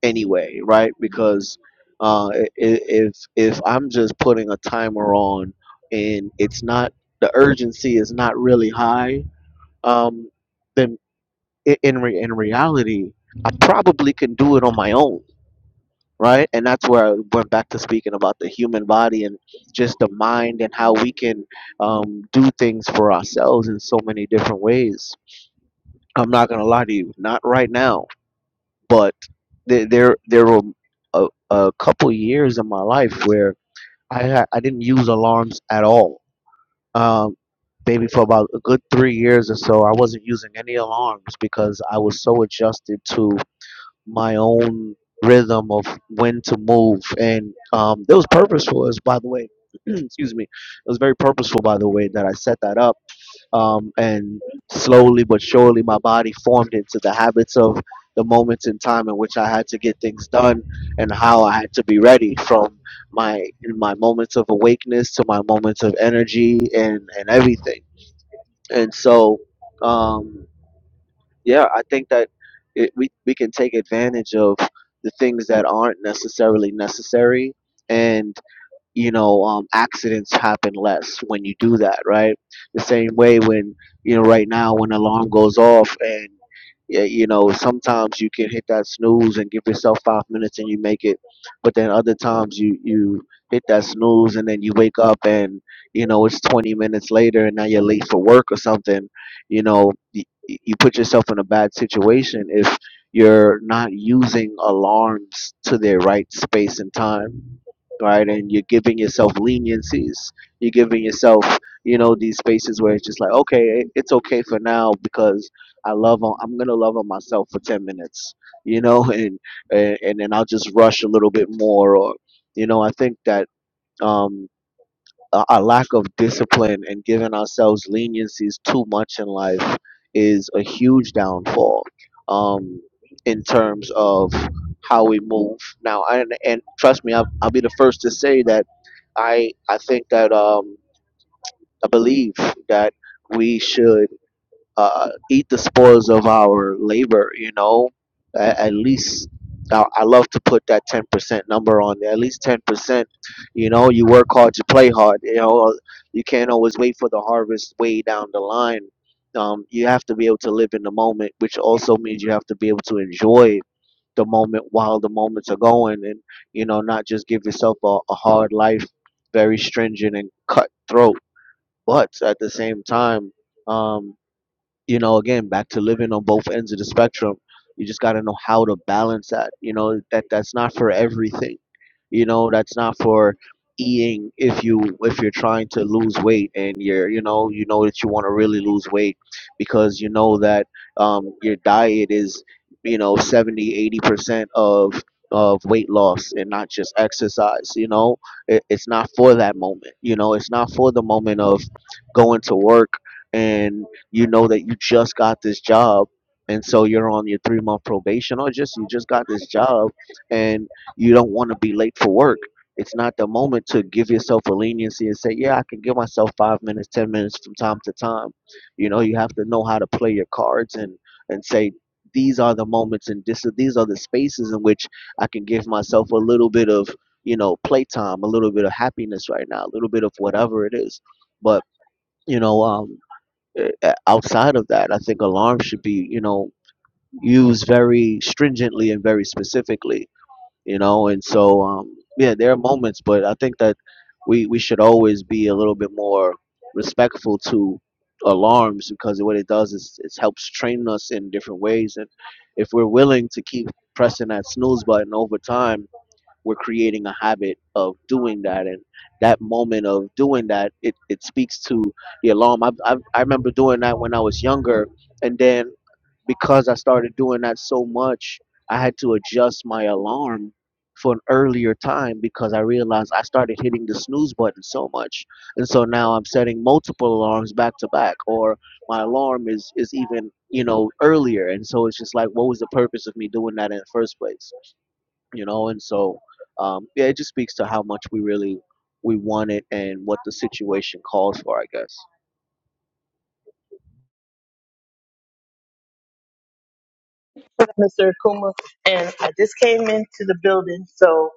C: anyway right because uh, i- i- if if i'm just putting a timer on and it's not the urgency is not really high um, then i- in re- in reality i probably can do it on my own right? And that's where I went back to speaking about the human body and just the mind and how we can um, do things for ourselves in so many different ways. I'm not gonna lie to you, not right now, but there there, there were a, a couple years in my life where I ha- I didn't use alarms at all. Um, maybe for about a good three years or so, I wasn't using any alarms because I was so adjusted to my own rhythm of when to move and um it was purposeful as by the way excuse me it was very purposeful by the way that i set that up um and slowly but surely my body formed into the habits of the moments in time in which i had to get things done and how i had to be ready from my my moments of awakeness to my moments of energy and and everything and so Um, yeah, I think that it, we we can take advantage of the things that aren't necessarily necessary and you know um, accidents happen less when you do that right the same way when you know right now when alarm goes off and y- you know sometimes you can hit that snooze and give yourself five minutes and you make it but then other times you you hit that snooze and then you wake up and you know it's 20 minutes later and now you're late for work or something you know y- y- you put yourself in a bad situation if you're not using alarms to their right space and time right? And you're giving yourself leniencies. You're giving yourself, you know, these spaces where it's just like, okay, it- it's okay for now because I love on. I'm gonna love on myself for ten minutes, you know, and and, and then I'll just rush a little bit more, or you know, I think that. Um, a, a lack of discipline and giving ourselves leniencies too much in life is a huge downfall um, in terms of how we move now and, and trust me I'll, I'll be the first to say that i i think that um, i believe that we should uh, eat the spoils of our labor. You know, at, at least I, I love to put that ten percent number on there. At least ten percent. You know, you work hard, you play hard. You know, you can't always wait for the harvest way down the line. Um, you have to be able to live in the moment, which also means you have to be able to enjoy the moment while the moments are going, and you know, not just give yourself a, a hard life, very stringent and cutthroat. But at the same time. Um, you know, again, back to living on both ends of the spectrum. You just got to know how to balance that. You know, that that's not for everything. You know, that's not for eating if you if you're trying to lose weight and you're you know you know that you want to really lose weight because you know that um, your diet is you know 70 80 percent of of weight loss and not just exercise you know it, it's not for that moment you know it's not for the moment of going to work and you know that you just got this job and so you're on your three month probation or just you just got this job and you don't want to be late for work it's not the moment to give yourself a leniency and say yeah i can give myself five minutes ten minutes from time to time you know you have to know how to play your cards and and say these are the moments and this, these are the spaces in which i can give myself a little bit of you know playtime a little bit of happiness right now a little bit of whatever it is but you know um uh, uh, Outside of that, I think alarms should be, you know, used very stringently and very specifically, you know. And so, um, yeah, there are moments, but I think that we we should always be a little bit more respectful to alarms because what it does is it helps train us in different ways. And if we're willing to keep pressing that snooze button over time we're creating a habit of doing that and that moment of doing that it, it speaks to the alarm I, I, I remember doing that when i was younger and then because i started doing that so much i had to adjust my alarm for an earlier time because i realized i started hitting the snooze button so much and so now i'm setting multiple alarms back to back or my alarm is is even you know earlier and so it's just like what was the purpose of me doing that in the first place you know and so um, yeah it just speaks to how much we really we want it and what the situation calls for i guess
A: Mr. Akuma, and I just came into the building, so.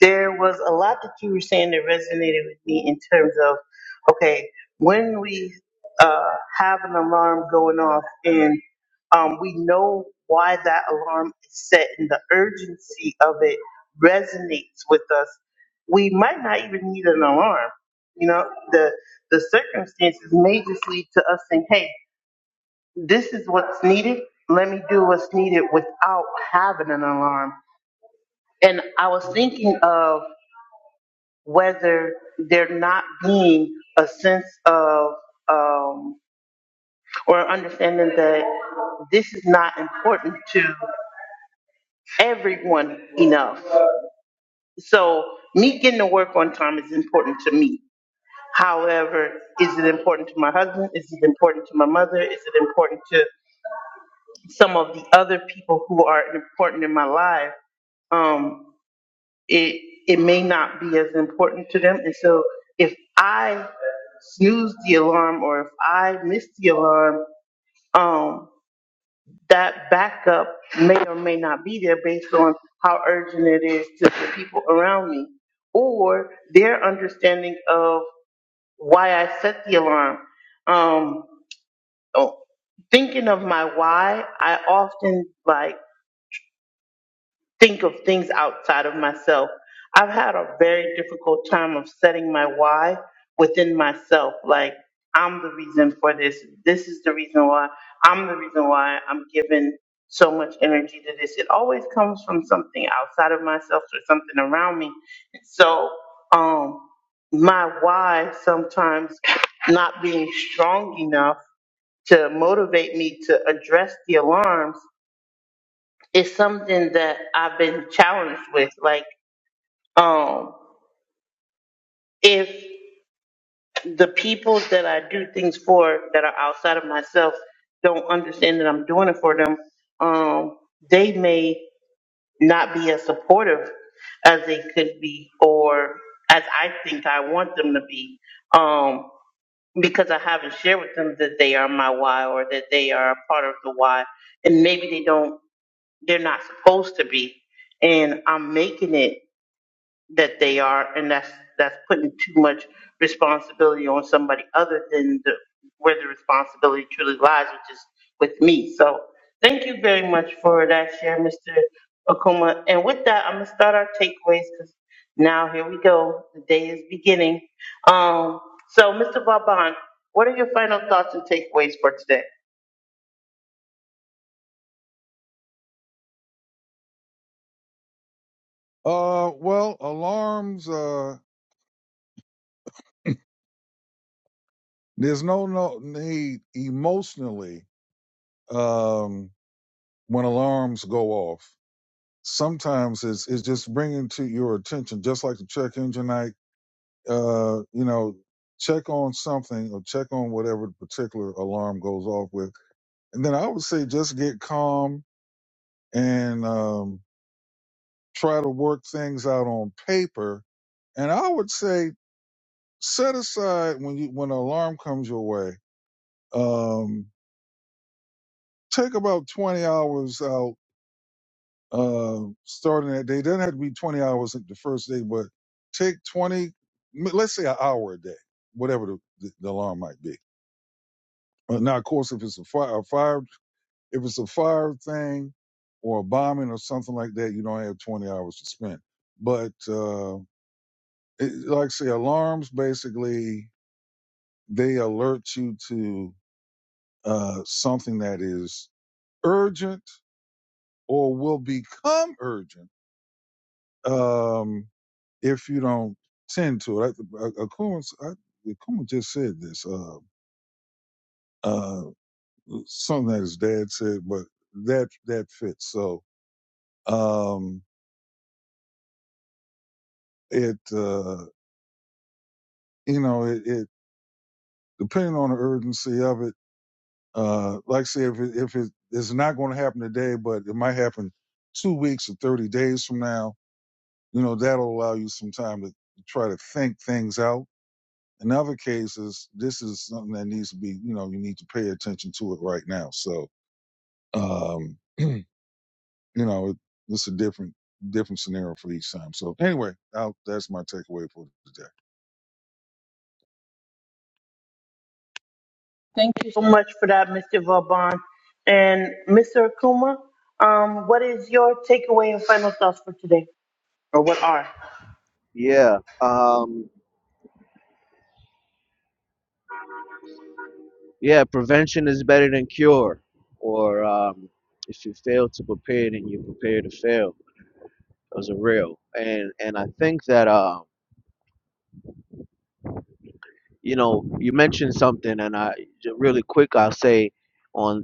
A: there was a lot that you were saying that resonated with me in terms of okay when we uh, have an alarm going off and um, we know why that alarm is set and the urgency of it resonates with us we might not even need an alarm you know the the circumstances may just lead to us saying hey this is what's needed let me do what's needed without having an alarm and i was thinking of whether there not being a sense of um, or understanding that this is not important to everyone enough. So me getting to work on time is important to me. However, is it important to my husband? Is it important to my mother? Is it important to some of the other people who are important in my life? Um, it it may not be as important to them. And so if I snooze the alarm or if I miss the alarm, um, that backup may or may not be there based on how urgent it is to the people around me or their understanding of why I set the alarm. Um, oh, thinking of my why, I often like think of things outside of myself. I've had a very difficult time of setting my why within myself. Like, I'm the reason for this. This is the reason why. I'm the reason why I'm giving so much energy to this. It always comes from something outside of myself or something around me. So, um, my why sometimes not being strong enough to motivate me to address the alarms it's something that I've been challenged with. Like, um, if the people that I do things for that are outside of myself don't understand that I'm doing it for them, um, they may not be as supportive as they could be or as I think I want them to be. Um, because I haven't shared with them that they are my why or that they are a part of the why. And maybe they don't, they're not supposed to be. And I'm making it that they are, and that's that's putting too much responsibility on somebody other than the, where the responsibility truly lies, which is with me. So thank you very much for that share, Mr. Okuma. And with that, I'm gonna start our takeaways because now here we go. The day is beginning. Um, so Mr. Vauban, what are your final thoughts and takeaways for today?
B: Uh, well, alarms. Uh, there's no no need emotionally um, when alarms go off. sometimes it's it's just bringing to your attention, just like the check engine light. Uh, you know, check on something or check on whatever particular alarm goes off with, and then I would say just get calm and um, try to work things out on paper. And I would say set aside when you when an alarm comes your way. Um, take about twenty hours out um, starting that day. Doesn't have to be 20 hours the first day, but take 20, m- let's say an hour a day, whatever the, the, the alarm might be. Uh, Now, of course, if it's a fire, a fire, if it's a fire thing or a bombing or something like that, you don't have 20 hours to spend. But uh, it, like I say, alarms basically they alert you to uh, something that is urgent or will become urgent um, if you don't tend to it. I, I, Akuma, s- I, Akuma just said this, uh, uh, something that his dad said, but that, that fits. So, um, it, uh, you know, it, it, depending on the urgency of it, uh, like I say, if it, if it is not going to happen today, but it might happen two weeks or 30 days from now, you know, that'll allow you some time to try to think things out In other cases, this is something that needs to be, you know, you need to pay attention to it right now. So, um, you know, it, it's a different different scenario for each time. So anyway, I'll, that's my takeaway for today.
A: Thank you so much for that, Mr. Vauban. And Mr. Okuma, um, what is your takeaway and final thoughts for today? Or what are?
C: yeah um, yeah prevention is better than cure or um, if you fail to prepare then you prepare to fail those are real and and i think that uh, you know you mentioned something and i j- really quick i'll say on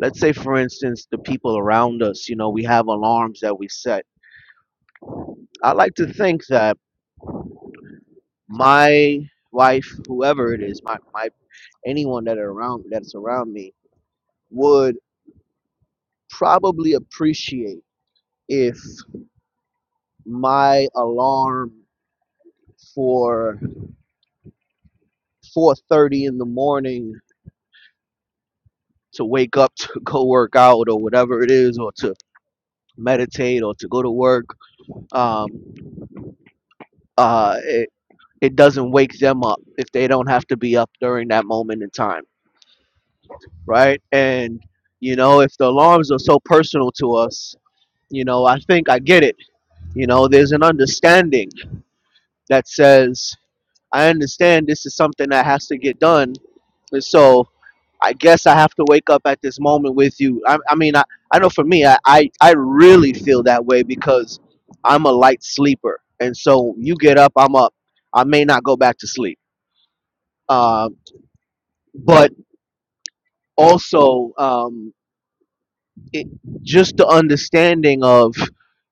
C: let's say for instance the people around us you know we have alarms that we set i like to think that my wife, whoever it is, my, my anyone that are around that's around me would probably appreciate if my alarm for 4:30 in the morning to wake up to go work out or whatever it is or to meditate or to go to work um, uh, it, it doesn't wake them up if they don't have to be up during that moment in time right and you know if the alarms are so personal to us You know, I think I get it. You know, there's an understanding that says, I understand this is something that has to get done. And so I guess I have to wake up at this moment with you. I, I mean, I, I know for me, I, I, I really feel that way because I'm a light sleeper. And so you get up, I'm up. I may not go back to sleep. Um, but also, um, it, just the understanding of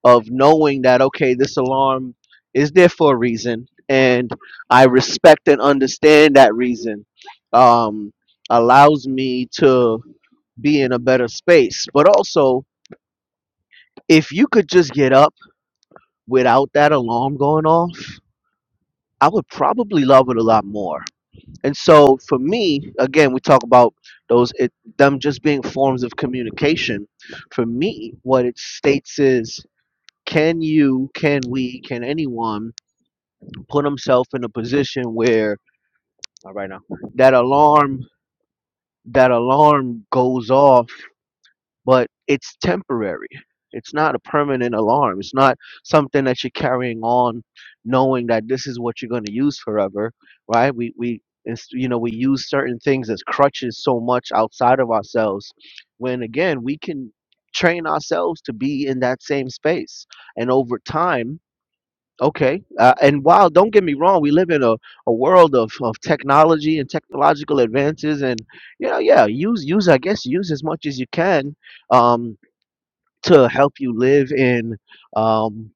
C: of knowing that okay this alarm is there for a reason and i respect and understand that reason um allows me to be in a better space but also if you could just get up without that alarm going off i would probably love it a lot more and so for me again we talk about those it them just being forms of communication for me what it states is can you, can we, can anyone put himself in a position where all right now that alarm that alarm goes off, but it's temporary. It's not a permanent alarm. It's not something that you're carrying on knowing that this is what you're going to use forever, right? We we it's, you know, we use certain things as crutches so much outside of ourselves when again, we can train ourselves to be in that same space. And over time, Okay. Uh, and while don't get me wrong, we live in a, a world of, of technology and technological advances and you know, yeah, use use I guess use as much as you can um to help you live in um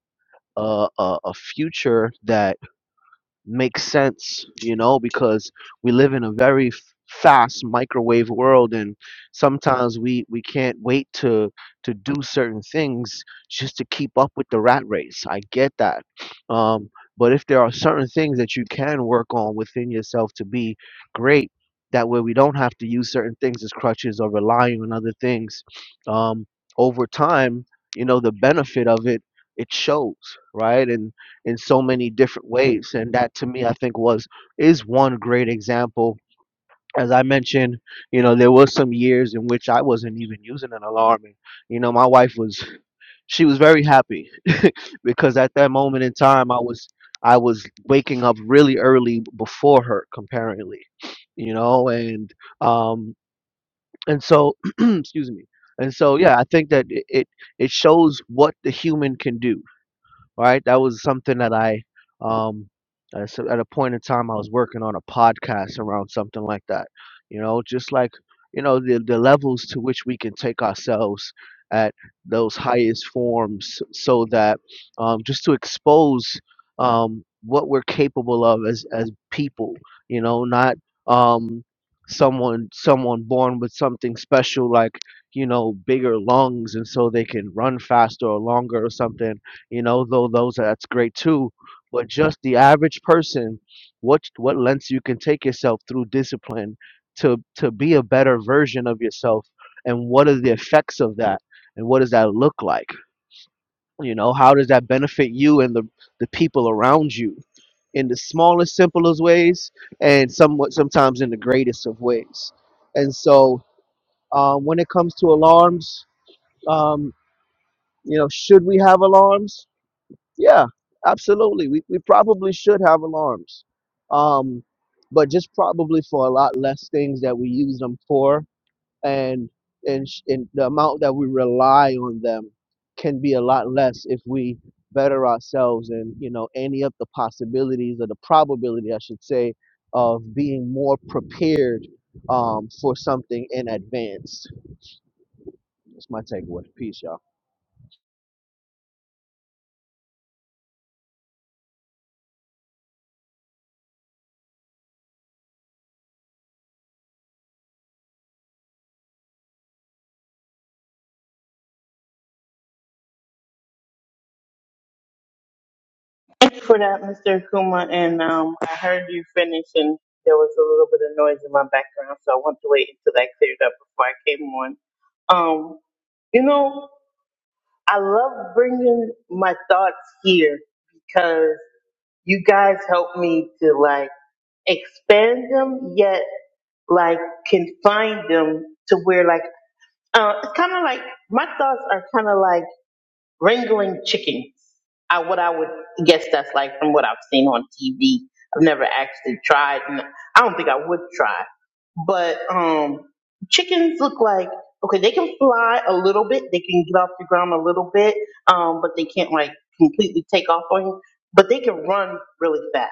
C: a, a, a future that makes sense, you know, because we live in a very f- fast microwave world and sometimes we we can't wait to to do certain things just to keep up with the rat race. I get that. Um but if there are certain things that you can work on within yourself to be great, that way we don't have to use certain things as crutches or relying on other things. Um over time, you know, the benefit of it it shows, right? And in so many different ways. And that to me, I think was is one great example. As I mentioned, you know, there was some years in which I wasn't even using an alarm. And, you know, my wife was she was very happy because at that moment in time I was I was waking up really early before her comparatively, you know, and um and so excuse me. And so yeah, I think that it, it it shows what the human can do right? That was something that I, um, at a cer- at a point in time, I was working on a podcast around something like that. You know, just like you know the the levels to which we can take ourselves at those highest forms, so that um, just to expose um, what we're capable of as as people. You know, not um, someone someone born with something special like you know bigger lungs and so they can run faster or longer or something you know though those that's great too but just the average person what what lengths you can take yourself through discipline to to be a better version of yourself and what are the effects of that and what does that look like you know how does that benefit you and the the people around you in the smallest simplest ways and somewhat sometimes in the greatest of ways and so uh, when it comes to alarms um, you know should we have alarms yeah, absolutely. We, we probably should have alarms, um, but just probably for a lot less things that we use them for, and and sh- and the amount that we rely on them can be a lot less if we better ourselves and you know any of the possibilities or the probability, I should say, of being more prepared um, for something in advance. That's my takeaway. Peace, y'all.
A: Thank you for that, Mr. Akuma. And um, I heard you finish, and there was a little bit of noise in my background, so I wanted to wait until that cleared up before I came on. Um, you know, I love bringing my thoughts here because you guys help me to like expand them, yet like confine them to where like uh, it's kind of like my thoughts are kind of like. Ringling chicken are what I would guess that's like from what I've seen on TV. I've never actually tried, and I don't think I would try. But um, chickens look like okay, they can fly a little bit, they can get off the ground a little bit, um, but they can't like completely take off on you. But they can run really fast.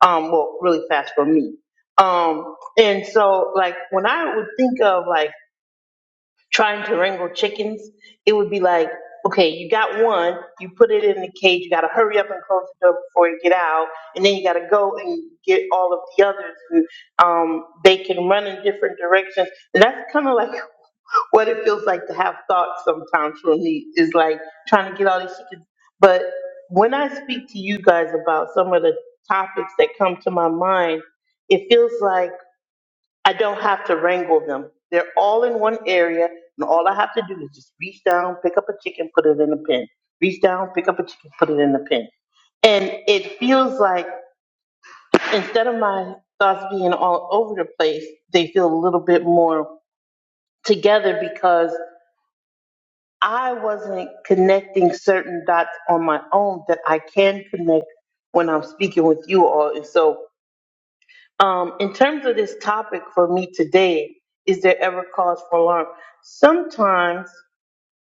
A: Um, well, really fast for me. Um, and so like when I would think of like trying to wrangle chickens, it would be like, okay, you got one, you put it in the cage, you gotta hurry up and close the door before you get out, and then you gotta go and get all of the others, and um, they can run in different directions. And that's kind of like what it feels like to have thoughts sometimes for me is like trying to get all these chickens. But when I speak to you guys about some of the topics that come to my mind, it feels like I don't have to wrangle them. They're all in one area, and all I have to do is just reach down, pick up a chicken, put it in the pen. Reach down, pick up a chicken, put it in the pen. And it feels like instead of my thoughts being all over the place, they feel a little bit more together because I wasn't connecting certain dots on my own that I can connect when I'm speaking with you all. And so Um, in terms of this topic for me today, is there ever cause for alarm? Sometimes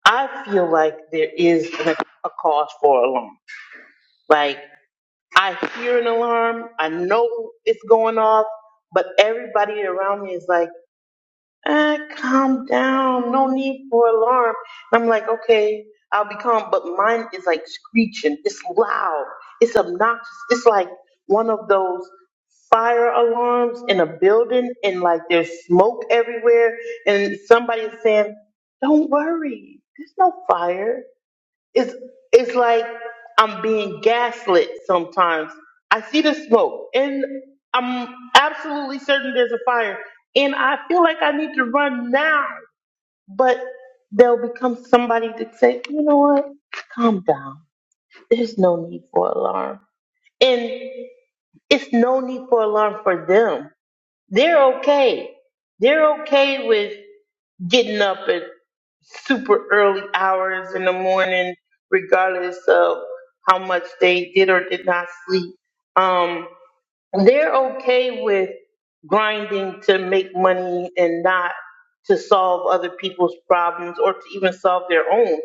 A: I feel like there is an- a cause for alarm. Like I hear an alarm, I know it's going off, but everybody around me is like, "Ah, calm down, no need for alarm." And I'm like, "Okay, I'll be calm," but mine is like screeching. It's loud. It's obnoxious. It's like one of those fire alarms in a building and like there's smoke everywhere and somebody's saying, Don't worry, there's no fire. It's it's like I'm being gaslit sometimes. I see the smoke and I'm absolutely certain there's a fire and I feel like I need to run now. But there'll become somebody to say, you know what? Calm down. There's no need for alarm. And it's no need for alarm for them they're okay. They're okay with getting up at super early hours in the morning, regardless of how much they did or did not sleep. Um, they're okay with grinding to make money and not to solve other people's problems or to even solve their own.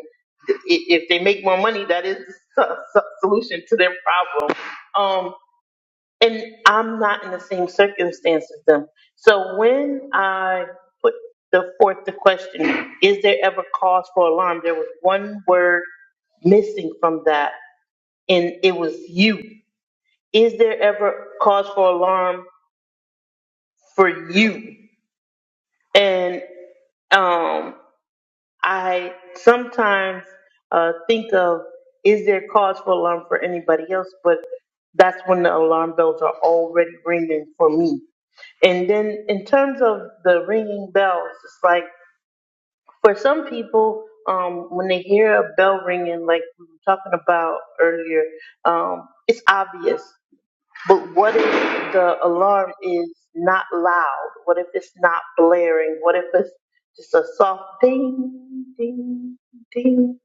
A: I- If they make more money, that is the so- so- solution to their problem. Um, and I'm not in the same circumstance as them. So when I put the forth the question, is there ever cause for alarm? There was one word missing from that, and it was you. Is there ever cause for alarm for you? And um, I sometimes uh, think of is there cause for alarm for anybody else, but that's when the alarm bells are already ringing for me And then in terms of the ringing bells, it's like for some people, um, when they hear a bell ringing, like we were talking about earlier, um, it's obvious. But what if the alarm is not loud? What if it's not blaring? What if it's just a soft ding, ding, ding?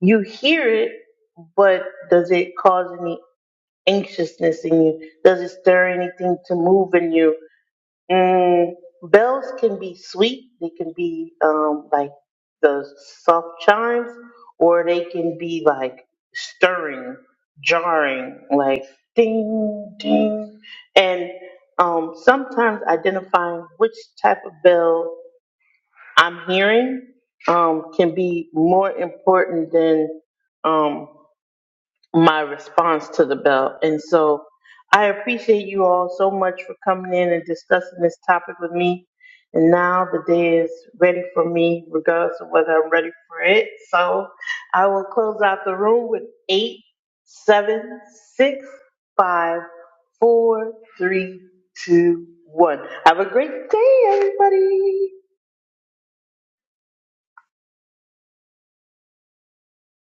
A: You hear it, but does it cause any anxiousness in you? Does it stir anything to move in you? Mm, bells can be sweet. They can be um, like the soft chimes, or they can be like stirring, jarring, like ding, ding. And um, sometimes identifying which type of bell I'm hearing um, can be more important than um, my response to the bill. And so I appreciate you all so much for coming in and discussing this topic with me. And now the day is ready for me, regardless of whether I'm ready for it. So I will close out the room with eight, seven, six, five, four, three, two, one. Have a great day, everybody.